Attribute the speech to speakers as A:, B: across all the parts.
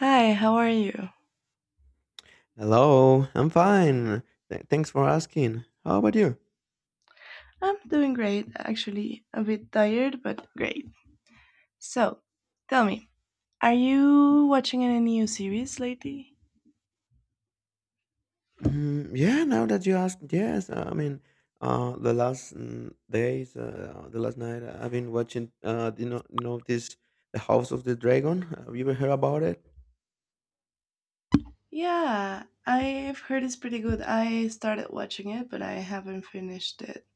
A: Hi, how are you?
B: Hello, I'm fine. Thanks for asking. How about you?
A: I'm doing great, actually. A bit tired, but great. So, tell me, are you watching any new series lately?
B: Mm, yeah, now that you asked, yes. The last days, the last night, I've been watching. The House of the Dragon. Have you ever heard about it?
A: Yeah, I've heard it's pretty good. I started watching it, but I haven't finished it.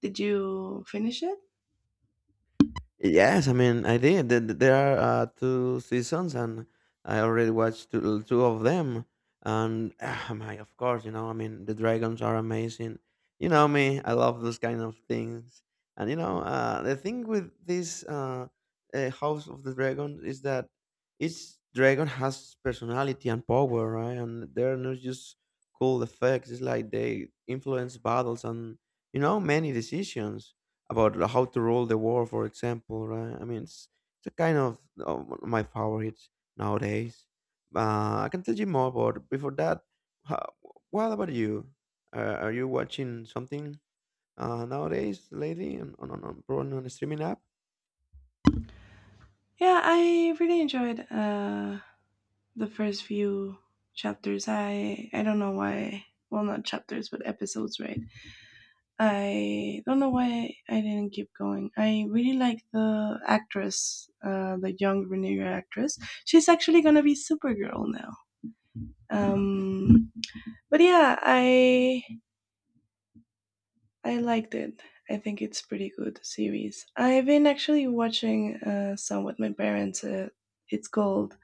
A: Did you finish it?
B: Yes, I mean, I did. There are two seasons, and I already watched two of them. And of course, you know, I mean, the dragons are amazing. You know me, I love those kind of things. And the thing with this House of the Dragon is that each dragon has personality and power, right? And they're not just cool effects. It's like they influence battles and you know many decisions about how to roll the war, for example, right? I mean, it's a kind of one of my favorites nowadays. I can tell you more, but before that, ho- what about you? Are you watching something nowadays lately on probably on a streaming app?
A: Yeah, I really enjoyed the first few chapters. I don't know why. Well, not chapters, but episodes, right? I don't know why I didn't keep going. I really like the actress, the young Rhaenyra actress. She's actually gonna be Supergirl now. Um, but yeah, I liked it. I think it's pretty good series. I've been actually watching some with my parents. It's called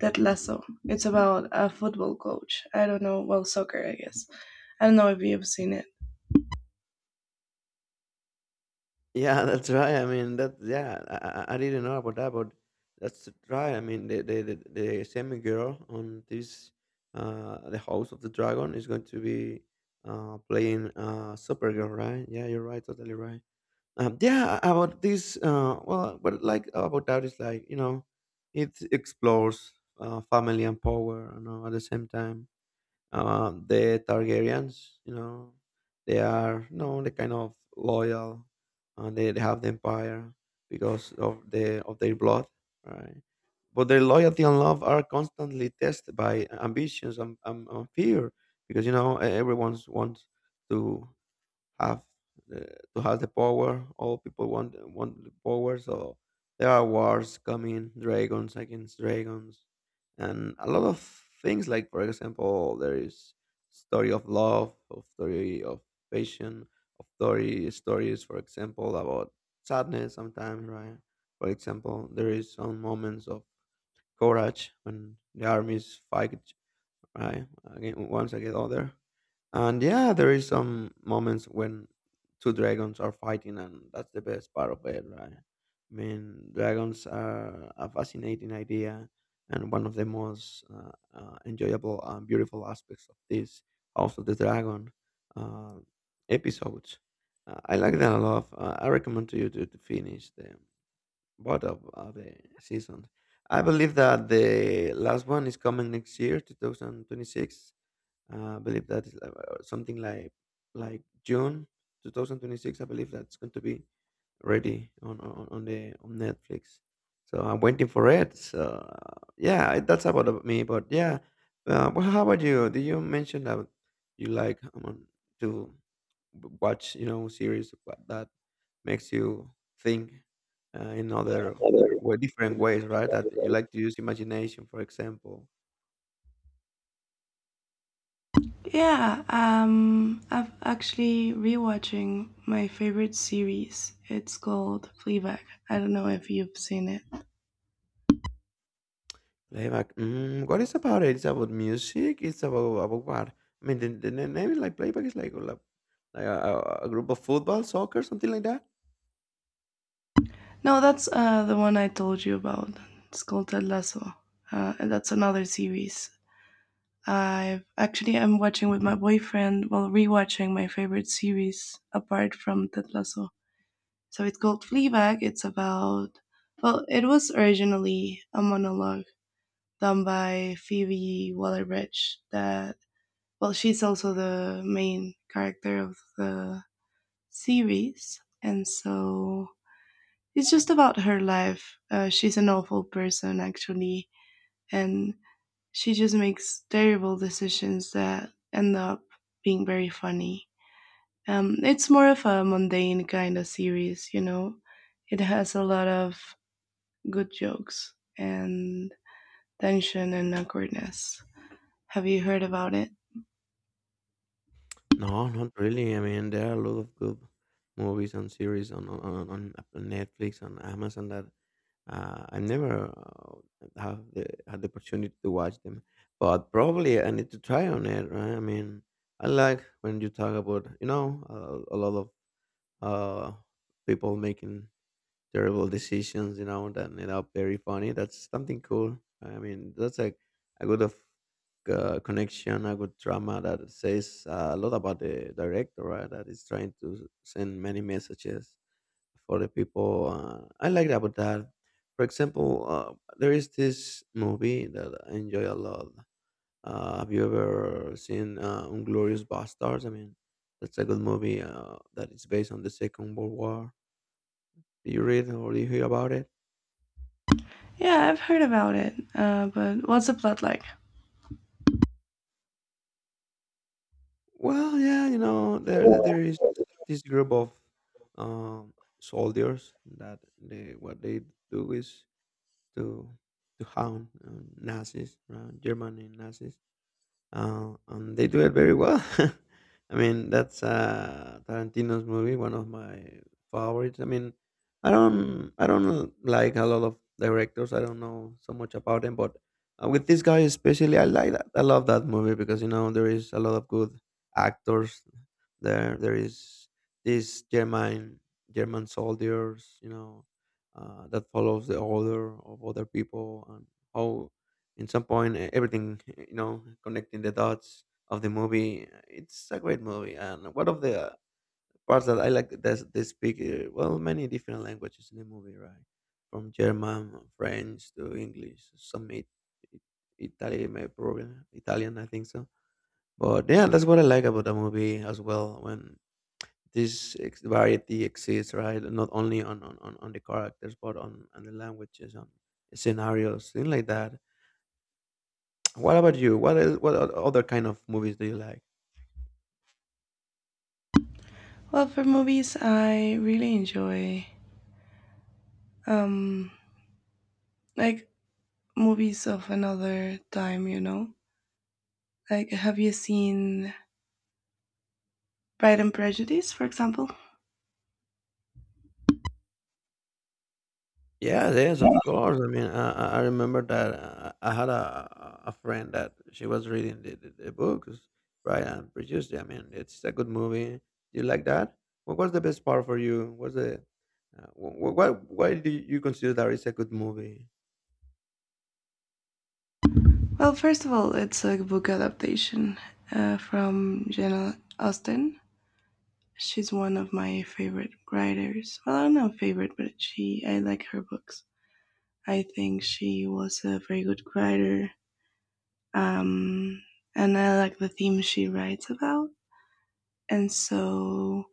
A: Ted Lasso. It's about a football coach. I don't know. Well, soccer, I guess. I don't know if you've seen it.
B: Yeah, that's right. I mean, that yeah, I didn't know about that, but that's right. I mean, the same girl on this the House of the Dragon is going to be playing Supergirl, right? Yeah, you're right, totally right. Yeah, about this well, what like about that is like you know, it explores family and power, you know, at the same time the Targaryens, you know, they are you know the kind of loyal, and they have the empire because of their blood, right? But their loyalty and love are constantly tested by ambitions and fear, because you know everyone wants to have uh, the power. All people want the power, so there are wars coming, dragons against dragons, and a lot of things. Like for example, there is story of love, of story of passion, of story stories. For example, about sadness sometimes, right? For example, there is some moments of courage when the armies fight, right? Again, once I get out there, and yeah, there is some moments when two dragons are fighting, and that's the best part of it, right? I mean, dragons are a fascinating idea, and one of the most enjoyable and beautiful aspects of this House of the Dragon uh, episodes. I like that a lot. I recommend to you to finish them. Both of are the seasons. I believe that the last one is coming next year, 2026. I believe that is like something like June 2026. I believe that's going to be ready on Netflix. So I'm waiting for it. So yeah, that's about of me. But yeah, well, how about you? Did you mention that you like to? Watch you know series that makes you think in other way different ways, right, that you like to use imagination, for example?
A: Yeah, I'm actually rewatching my favorite series. It's called Fleabag. I don't know if you've seen it.
B: Playback. Mm, what is about it? It's about music? It's about what? I mean, the name is like playback is like a, a group of football, soccer, something like that.
A: No, that's the one I told you about. It's called Ted Lasso. And that's another series. I'm watching with my boyfriend while rewatching my favorite series apart from Ted Lasso. So it's called Fleabag. It's about well, it was originally a monologue done by Phoebe Waller-Bridge that well, she's also the main character of the series, and so it's just about her life. She's an awful person, actually, and she just makes terrible decisions that end up being very funny. It's more of a mundane kind of series, you know. It has a lot of good jokes and tension and awkwardness. Have you heard about it?
B: No, not really. I mean, there are a lot of good movies and series on Netflix and Amazon that I never have had the opportunity to watch them, but probably I need to try on it. Right? I mean, I like when you talk about you know a lot of uh, people making terrible decisions, you know, that end up very funny. That's something cool, right? I mean, that's like a good of connection, a good drama that says a lot about the director, right? That is trying to send many messages for the people. I like about that. For example, there is this movie that I enjoy a lot. Have you ever seen Inglorious Bastards? I mean, that's a good movie that is based on the Second World War. Do you read or do you hear about it?
A: Yeah, I've heard about it. But what's the plot like?
B: Well, yeah, you know,
A: Well,
B: there is this group of um, soldiers that they what they do is to to hound Nazis, German and Nazis. And they do it very well. I mean, that's Tarantino's movie, one of my favorites. I mean, I don't like a lot of directors. I don't know so much about them, but with this guy especially, I like that. I love that movie because you know there is a lot of good actors there. There is these German soldiers, you know, that follows the order of other people and how in some point everything you know connecting the dots of the movie, it's a great movie, and one of the parts that I like that they speak, well, many different languages in the movie, right? From German, French to English, it, Italian, maybe, probably Italian, I think so. But yeah, that's what I like about the movie as well, when this variety exists, right? Not only on on the characters, but on the languages, on scenarios, things like that. What about you? What is, what other kind of movies do you like?
A: for movies, I really enjoy um like movies of another time, you know? Like have you seen Pride and Prejudice, for example?
B: Yes, yes, of course. I mean, I remember that I had a friend that she was reading the books, right, and produced it. I mean, it's a good movie. You like that? What was the best part for you? What's the what, why do you consider that it's a good movie?
A: Well, first of all, it's a book adaptation from Jane Austen. She's one of my favorite writers. Well, I don't know favorite, but she I like her books. I think she was a very good writer. Um and I like the themes she writes about. And so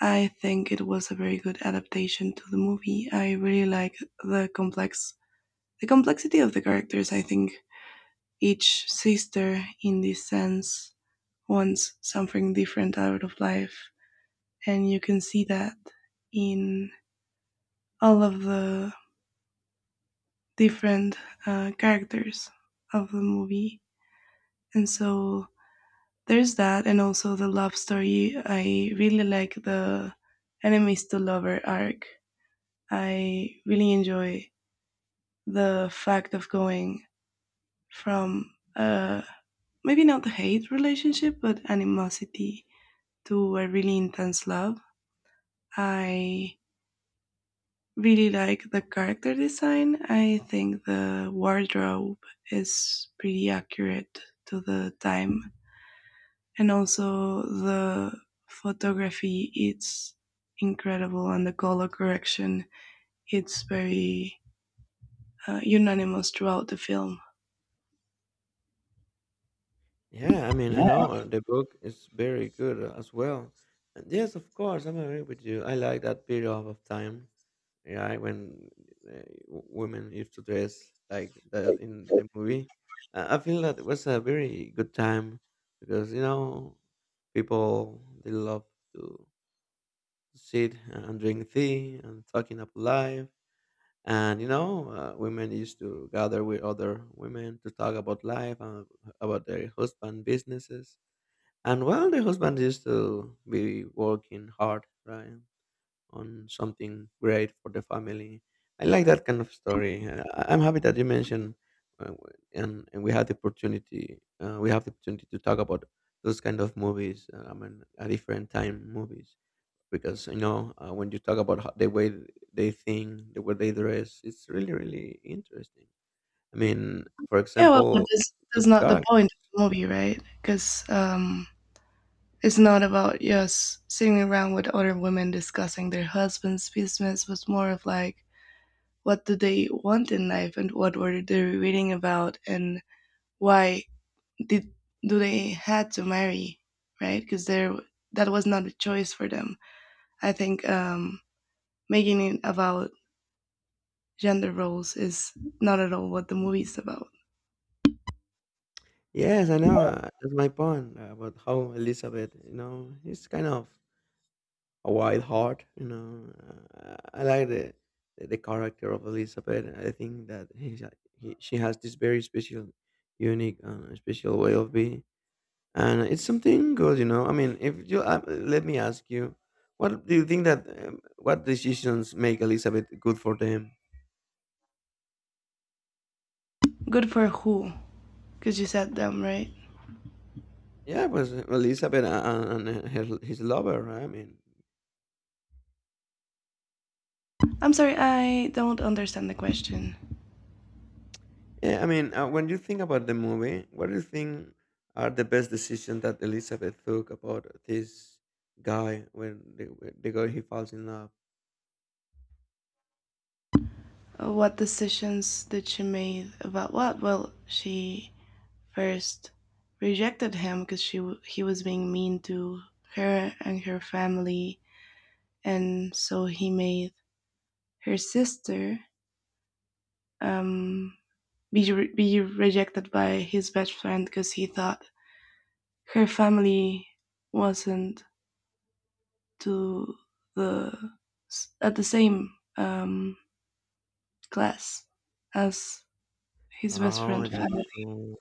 A: I think it was a very good adaptation to the movie. I really like the complex the complexity of the characters. I think each sister in this sense wants something different out of life and you can see that in all of the different characters of the movie. And so there's that and also the love story. I really like the enemies to lover arc. I really enjoy the fact of going from maybe not the hate relationship, but animosity to a really intense love. I really like the character design. I think the wardrobe is pretty accurate to the time. And also the photography, it's incredible, and the color correction, it's very unanimous throughout the film.
B: Yeah, I mean, I know the book is very good as well. And yes, of course, I'm agree with you. I like that period of time, right? When uh, women used to dress like that in the movie, I feel that it was a very good time because you know people they love to sit and drink tea and talking about life, and you know women used to gather with other women to talk about life and about their husband businesses. And well, the husband used to be working hard, right? On something great for the family. I like that kind of story. I'm happy that you mentioned, uh, w- and we had the opportunity. We have the opportunity to talk about those kind of movies. I mean, a different time movies, because you know when you talk about how, the way they think, the way they dress, it's really interesting. I mean, for
A: Yeah, well, but
B: example, those
A: that's not the point
B: characters.
A: of the movie, right? Because it's not about yes sitting around with other women discussing their husbands' business, but more of like what do they want in life and what were they reading about and why did do they had to marry, right? Because there that was not a choice for them. I think making it about gender roles is not at all what the movie's about.
B: Yes, I know. That's my point about how Elizabeth, you know, it's kind of white heart. You know, I like the the character of Elizabeth. I think that he's, she has this very special, unique, special way of being, and it's something good. You know, I mean, if you, let me ask you, what do you think that what decisions make Elizabeth good for them?
A: Good for who? Because you said them, right?
B: Yeah, it was Elizabeth and, his lover, right? I mean.
A: I'm sorry, I don't understand the question.
B: Yeah, I mean, when you think about the movie, what do you think are the best decisions that Elizabeth took about this guy when when the girl he falls in love?
A: What decisions did she make about what? Well, she first rejected him because he was being mean to her and her family, and so he made her sister um, be rejected by his best friend because he thought her family wasn't to the at the same um, class as his best friend
B: Oh, that's
A: family.
B: cool.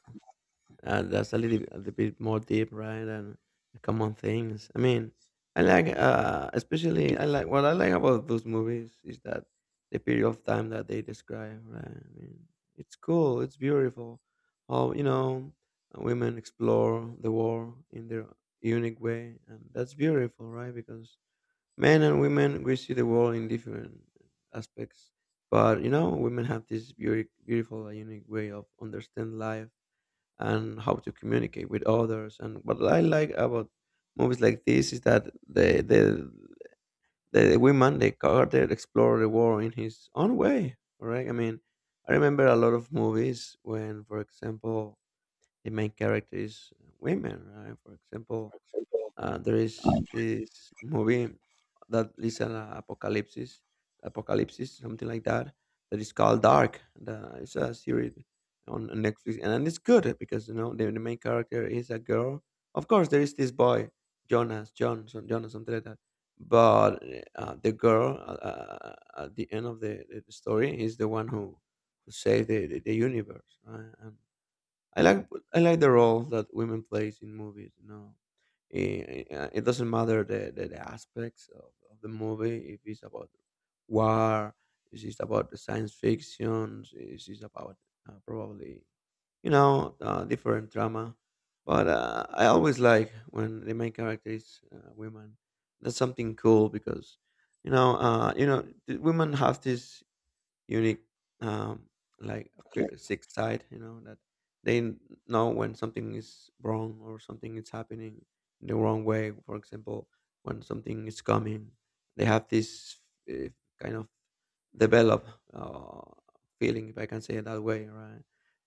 B: That's a little bit more deep, right? And common things. I mean, I like, especially I like, what I like about those movies is that the period of time that they describe, right? I mean, it's cool, it's beautiful. How you know women explore the world in their unique way, and that's beautiful, right? Because men and women we see the world in different aspects, but you know, women have this beauty, beautiful, unique way of understand life and how to communicate with others. And what I like about movies like this is that the women they Carter explore the world in his own way, right? I mean, I remember a lot of movies when, for example, the main character is women, right? For example, there is this movie that is an apocalypse, something like that, that is called Dark. It's a series on Netflix, and it's good because you know the main character is a girl. Of course, there is this boy Jonas, Jonas, something like that. But the girl at the end of the the story is the one who saved the universe, right? And I like I like the role that women plays in movies. You know, it, it doesn't matter the, the aspects of the movie. If it's about war, if it's about the science fiction, if it's about probably different drama. But I always like when the main character is women. That's something cool because the women have this unique um, like a
A: Yeah.
B: sixth side, you know, that they n- know when something is wrong or something is happening in the wrong way. For example, when something is coming, they have this uh, kind of develop uh, feeling, if I can say it that way, right?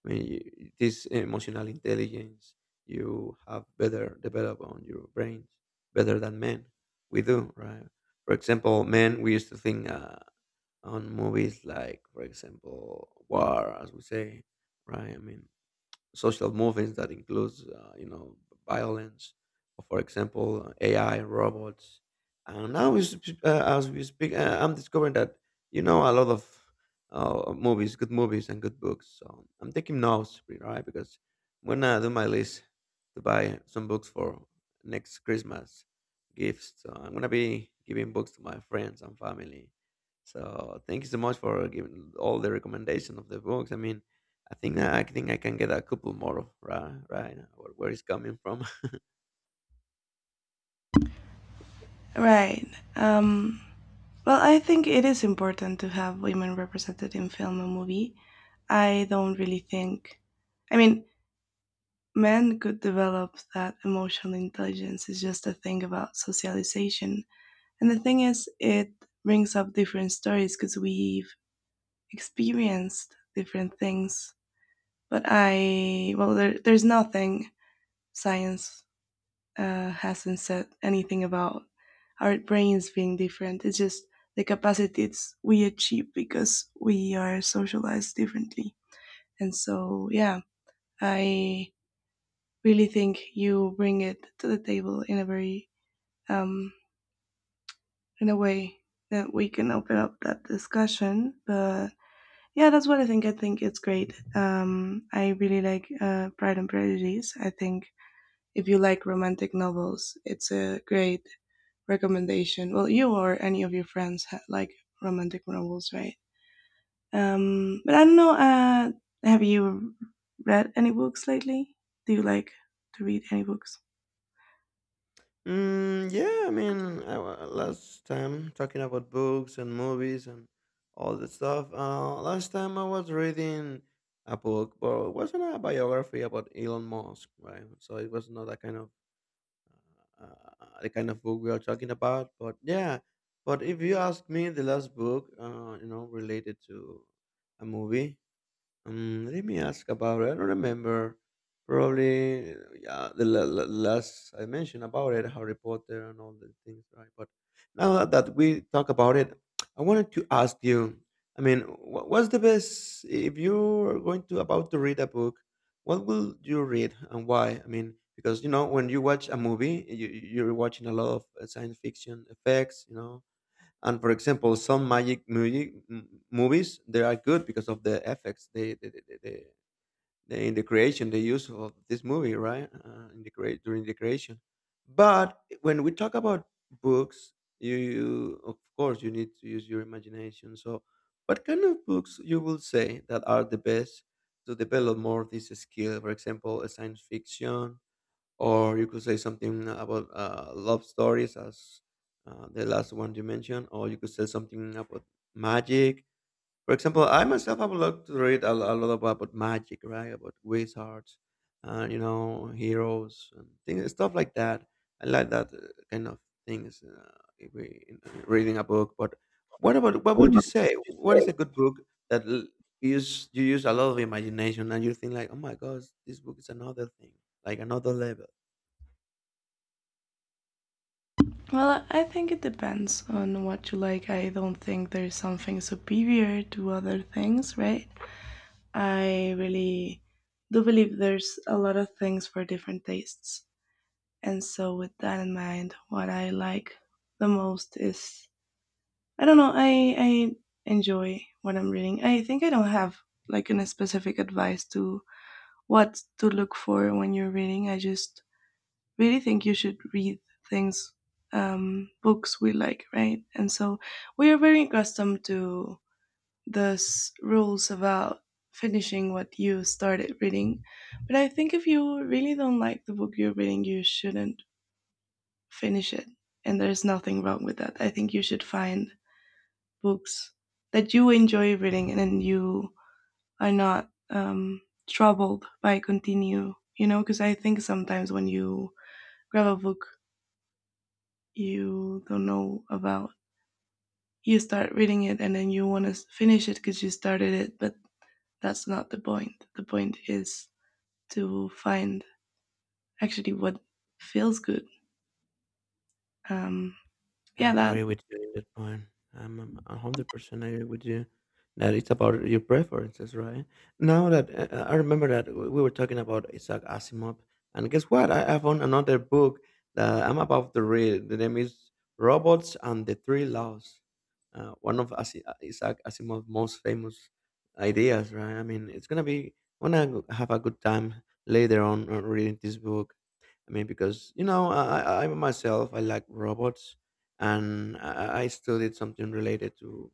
B: I mean, this emotional intelligence you have better develop on your brains, better than men we do, right? For example, men we used to think on movies like, for example, war, as we say, right? I mean, social movements that includes violence, or for example ai robots. And now as we speak, I'm discovering that you know a lot of movies, good movies and good books, so I'm taking notes, right? Because when I do my list to buy some books for next Christmas gifts, so I'm gonna be giving books to my friends and family. So thank you so much for giving all the recommendation of the books. I mean, I think I can get a couple more right right now. Where, it's coming from?
A: Right. Um, well, I think it is important to have women represented in film and movie. I don't really think. I mean, men could develop that emotional intelligence. It's just a thing about socialization. And the thing is, it brings up different stories because we've experienced different things. But I, well, there's nothing science hasn't said anything about our brains being different. It's just the capacities we achieve because we are socialized differently. And so, yeah, I really think you bring it to the table in a very, um, in a way that we can open up that discussion. But yeah, that's what I think. I think it's great. I really like Pride and Prejudice. I think if you like romantic novels, it's a great recommendation. Well, you or any of your friends like romantic novels, right? But I don't know. Have you read any books lately? Do you like to read any books?
B: Mm, yeah, I mean, last time talking about books and movies and all that stuff. Last time I was reading a book, but it wasn't a biography about Elon Musk, right? So it was not that kind of the kind of book we are talking about. But yeah, but if you ask me, the last book, related to a movie. Let me ask about it. I don't remember. Probably, yeah, the last I mentioned about it, Harry Potter and all the things, right? But now that we talk about it, I wanted to ask you. I mean, what's the best if you're going to about to read a book? What will you read and why? I mean, because you know, when you watch a movie, you're watching a lot of science fiction effects, you know. And for example, some magic movie, movies, they are good because of the effects in the creation they use of this movie, right? In the create During the creation. But when we talk about books, you of course you need to use your imagination. So, what kind of books you will say that are the best to develop more of this skill? For example, a science fiction, or you could say something about love stories as the last one you mentioned, or you could say something about magic. For example, I myself have a lot to read a lot about magic, right, about wizards, you know, heroes and things, stuff like that. I like that kind of things, if in reading a book. But what about, what
A: What
B: would you
A: about?
B: say, what is a good book that l- use, you use a lot of imagination and you think like, oh my gosh, this book is another thing, like another level.
A: Well, I think it depends on what you like. I don't think there's something superior to other things, right? I really do believe there's a lot of things for different tastes. And so, with that in mind, what I like the most is I don't know. I enjoy what I'm reading. I think I don't have like any specific advice to what to look for when you're reading. I just really think you should read things, books we like, right? And so we are very accustomed to those rules about finishing what you started reading. But I think if you really don't like the book you're reading, you shouldn't finish it. And there's nothing wrong with that. I think you should find books that you enjoy reading and then you are not troubled by continue you know because I think sometimes when you grab a book you don't know about you start reading it and then you want to finish it because you started it but that's not the point the point is to find actually what feels good um yeah
B: I'm
A: that
B: agree with you in that point. I'm 100% agree with you that it's about your preferences, right? Now that I remember that we were talking about Isaac Asimov, and guess what? I found another book that I'm about to read. The name is Robots and the Three Laws. One of Isaac Asimov's most famous ideas, right? I mean, it's gonna be. I'm gonna have a good time later on reading this book. I mean, because you know, I myself I like robots, and I studied something related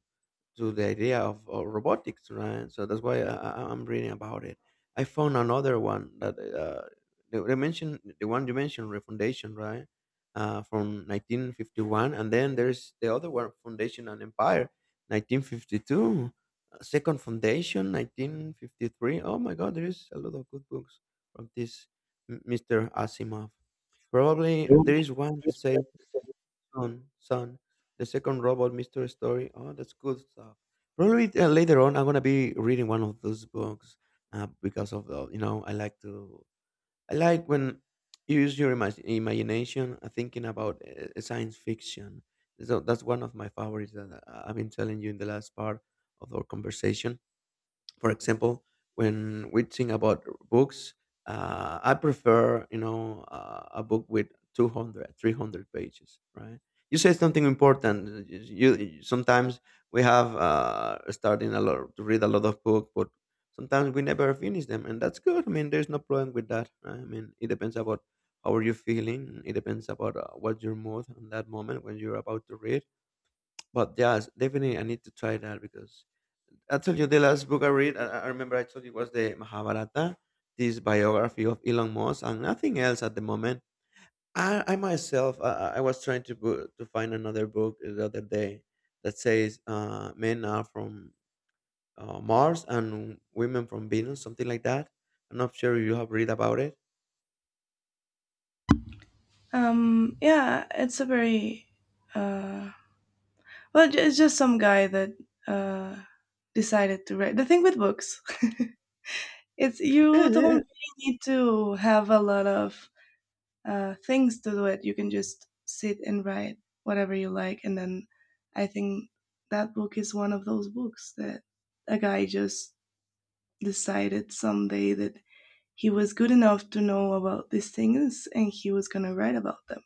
B: to the idea of robotics, right? So that's why I'm reading about it. I found another one that they mentioned the one you mentioned, Refoundation, right? From 1951, and then there's the other one, Foundation and Empire, 1952, Second Foundation, 1953. Oh my God, there is a lot of good books from this Mr. Asimov. Probably there is one to say Son, the second Robot Mystery Story. Oh, that's good stuff. Probably later on, I'm gonna be reading one of those books because of the, you know, I like to, I like when you use your imagination, thinking about science fiction. So that's one of my favorites that I've been telling you in the last part of our conversation. For example, when we think about books, I prefer, you know, a book with 200, 300 pages, right? You said something important. Sometimes we have starting a lot to read a lot of book, but sometimes we never finish them, and that's good. I mean, there's no problem with that, right? I mean, it depends about how are you feeling. It depends about what's your mood in that moment when you're about to read. But yes, definitely, I need to try that because I told you the last book I read. I remember I told you was the Mahabharata, this biography of Elon Musk, and nothing else at the moment. I myself, I was trying to to find another book the other day that says men are from Mars and women from Venus, something like that. I'm not sure if you have read about it.
A: yeah it's a very uh Well, it's just some guy that uh, decided to write. The thing with books, it's
B: Yeah,
A: you don't
B: yeah.
A: really need to have a lot of things to do it. You can just sit and write whatever you like, and then I think that book is one of those books that a guy just decided someday that he was good enough to know about these things and he was gonna write about them.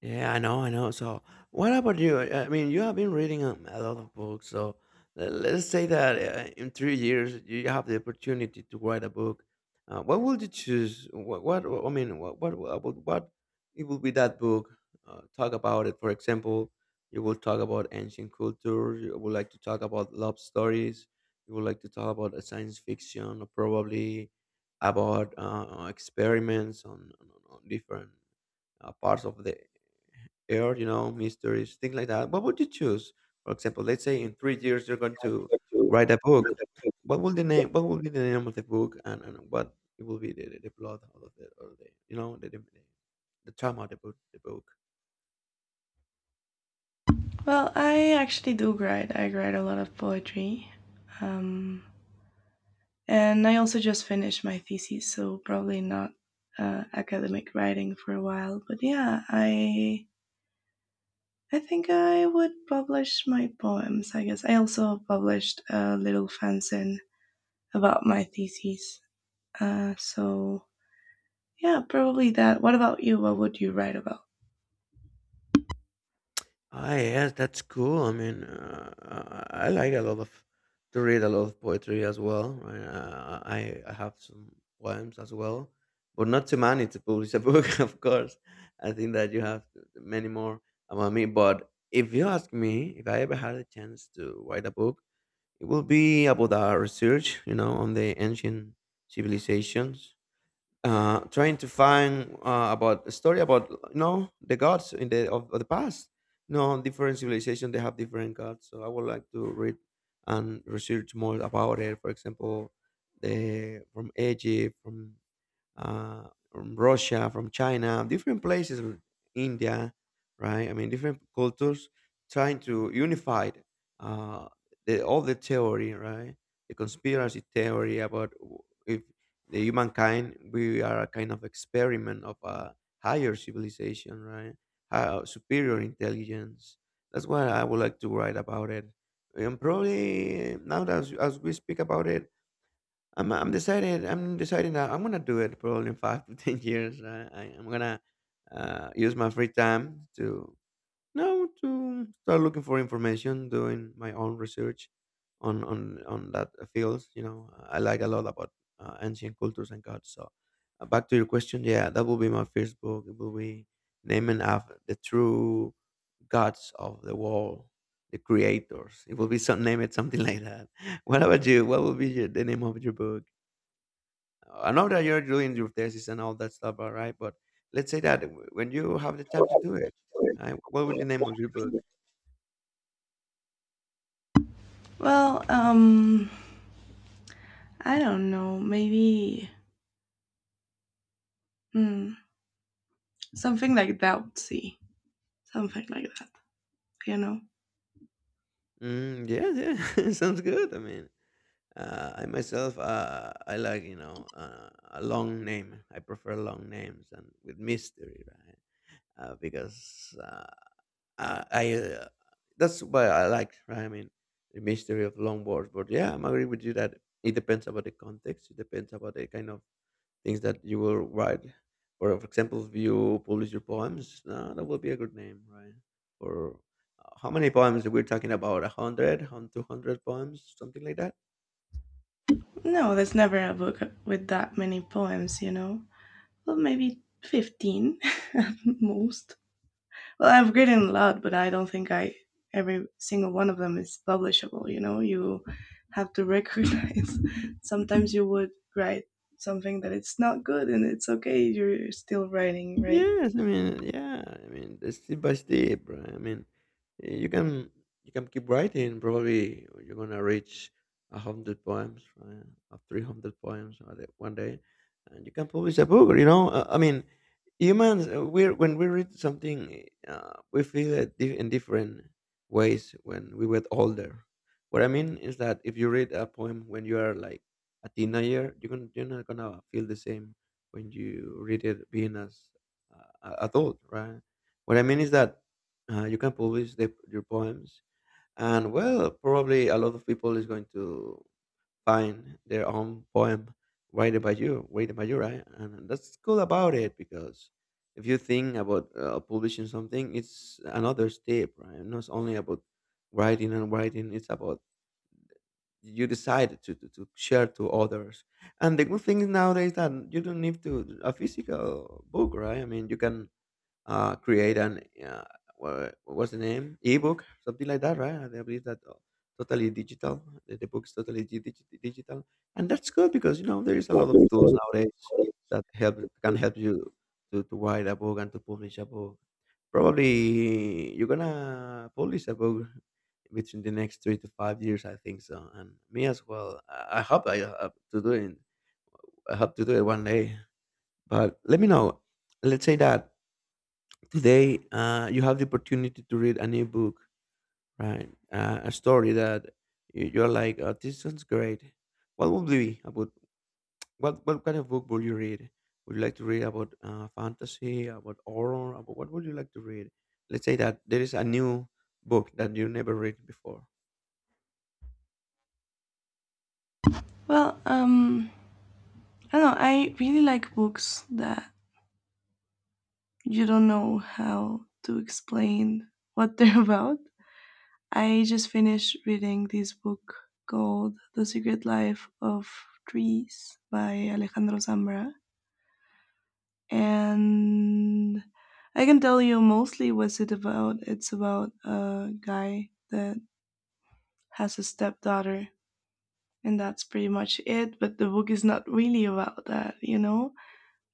B: Yeah, I know, I know. So, what about you? I mean, you have been reading a lot of books. So, let's say that in 3 years you have the opportunity to write a book. What would you choose? What I mean, what it will be that book? Talk about it. For example, you will talk about ancient culture. You would like to talk about love stories. You would like to talk about science fiction, or probably about experiments on different parts of the air, you know, mysteries, things like that. What would you choose? For example, let's say in 3 years you're going to write a book. What will the name? What will be the name of the book, and what it will be the plot of the, or the, you know, the trama of the book. The book.
A: Well, I actually do write. I write a lot of poetry. Um, and I also just finished my thesis, so probably not academic writing for a while. But yeah, I think I would publish my poems. I guess I also published a little fanzine about my thesis. So yeah, probably that. What about you? What would you write about?
B: Ah, yes, that's cool. I mean, I like a lot of to read a lot of poetry as well. Right? I have some poems as well, but not too many to publish a book, of course. I think that you have many more about me. But if you ask me, if I ever had a chance to write a book, it will be about our research, you know, on the ancient civilizations, trying to find about a story about, you know, the gods in the of the past. You know, different civilization they have different gods. So I would like to read and research more about it. For example, the from Egypt, from Russia, from China, different places, India, right? I mean, different cultures trying to unify uh, the, all the theory, right? The conspiracy theory about if the humankind we are a kind of experiment of a higher civilization, right? High, superior intelligence. That's what I would like to write about it. And probably now that as we speak about it, I'm deciding that I'm gonna do it probably in 5 to 10 years. I'm gonna use my free time to no to start looking for information, doing my own research on that field. You know, I like a lot about ancient cultures and gods. So back to your question, yeah, that will be my first book. It will be naming after the true gods of the world, the creators. It will be some name it something like that. What about you? What will be your, the name of your book? I know that you're doing your thesis and all that stuff, all right? But let's say that when you have the time to do it, right? What would the name of your book?
A: Well, I don't know. Maybe hmm, something like that. See. Something like that, you know?
B: Mm, yeah, yeah, sounds good. I mean, I myself, I like, you know, a long name. I prefer long names and with mystery, right? Because I that's what I like, right? I mean, the mystery of long words. But yeah, I'm agree with you that it depends about the context. It depends about the kind of things that you will write. Or, for example, if you publish your poems, no, that will be a good name, right? Or how many poems we're talking about? 100, 200 poems, something like that.
A: No, there's never a book with that many poems, you know? Well, maybe 15 at most. Well, I've written a lot, but I don't think I every single one of them is publishable, you know? You have to recognize sometimes you would write something that it's not good and it's okay, you're still writing, right?
B: Yes, I mean, yeah, I mean, the step by step, right? I mean, eh, you can you can keep writing. Probably you're gonna reach 100 poems, right? Or 300 poems one day, and you can publish a book. I mean, humans, we're when we read something, we feel it in different ways when we were older. What I mean is that if you read a poem when you are like a teenager, you're not gonna feel the same when you read it being as at all, right? What I mean is that you can publish your poems, and well, probably a lot of people is going to find their own poem written by you, right? And that's cool about it because if you think about publishing something, it's another step, right? Not only about writing and writing; it's about you decide to share to others. And the good thing is nowadays that you don't need to a physical book, right? I mean, you can create an uh, what was the name, ebook, something like that, right? I believe that totally digital, the book is totally digital. And that's good because there is a lot of tools nowadays that help can help you to write a book and to publish a book. Probably you're gonna publish a book between the next 3 to 5 years, I think so. And me as well. I hope I have to do it. I hope to do it one day. But let me know. Let's say that today, you have the opportunity to read a new book, right? A story that you're like, oh, this sounds great. What would it be about? What kind of book would you read? Would you like to read about fantasy, about horror, about, what would you like to read? Let's say that there is a new book that you never read before.
A: Well, I don't know. I really like books that you don't know how to explain what they're about. I just finished reading this book called The Secret Life of Trees by Alejandro Zambra. And I can tell you mostly what's it about. It's about a guy that has a stepdaughter, and that's pretty much it. But the book is not really about that, you know?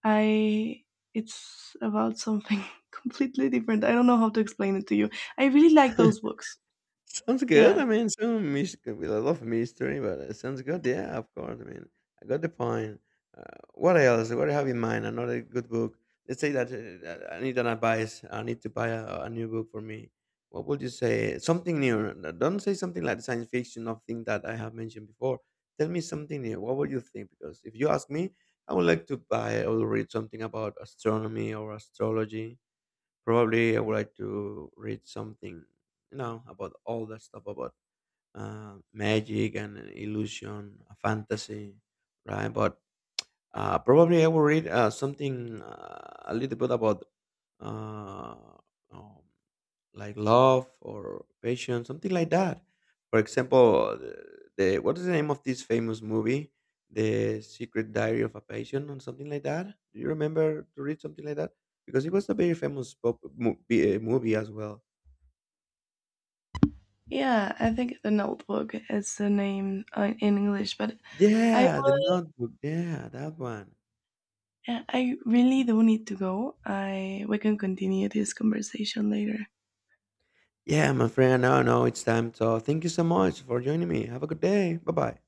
A: I it's about something completely different. I don't know how to explain it to you. I really like those books.
B: Sounds good.
A: Yeah.
B: I mean, some mystery, I love mystery, but it sounds good. Yeah, of course. I mean, I got the point. What else? What do you have in mind? Another good book. Let's say that that I need an advice. I need to buy a new book for me. What would you say? Something new. Don't say something like science fiction or thing that I have mentioned before. Tell me something new. What would you think? Because if you ask me, I would like to buy or read something about astronomy or astrology. Probably I would like to read something, about all that stuff about magic and illusion, fantasy, right? But probably I will read something a little bit about uh, um, like love or passion, something like that. For example, the what is the name of this famous movie, The Secret Diary of a Patient, or something like that? Do you remember to read something like that? Because it was a very famous movie as well.
A: Yeah, I think The Notebook is the name in English, but I
B: Yeah, The Notebook. Yeah, that one.
A: yeah, I really do need to go. I we can continue this conversation later.
B: Yeah, my friend. Now I know it's time. So thank you so much for joining me. Have a good day. Bye bye.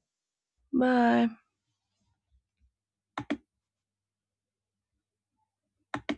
A: Bye.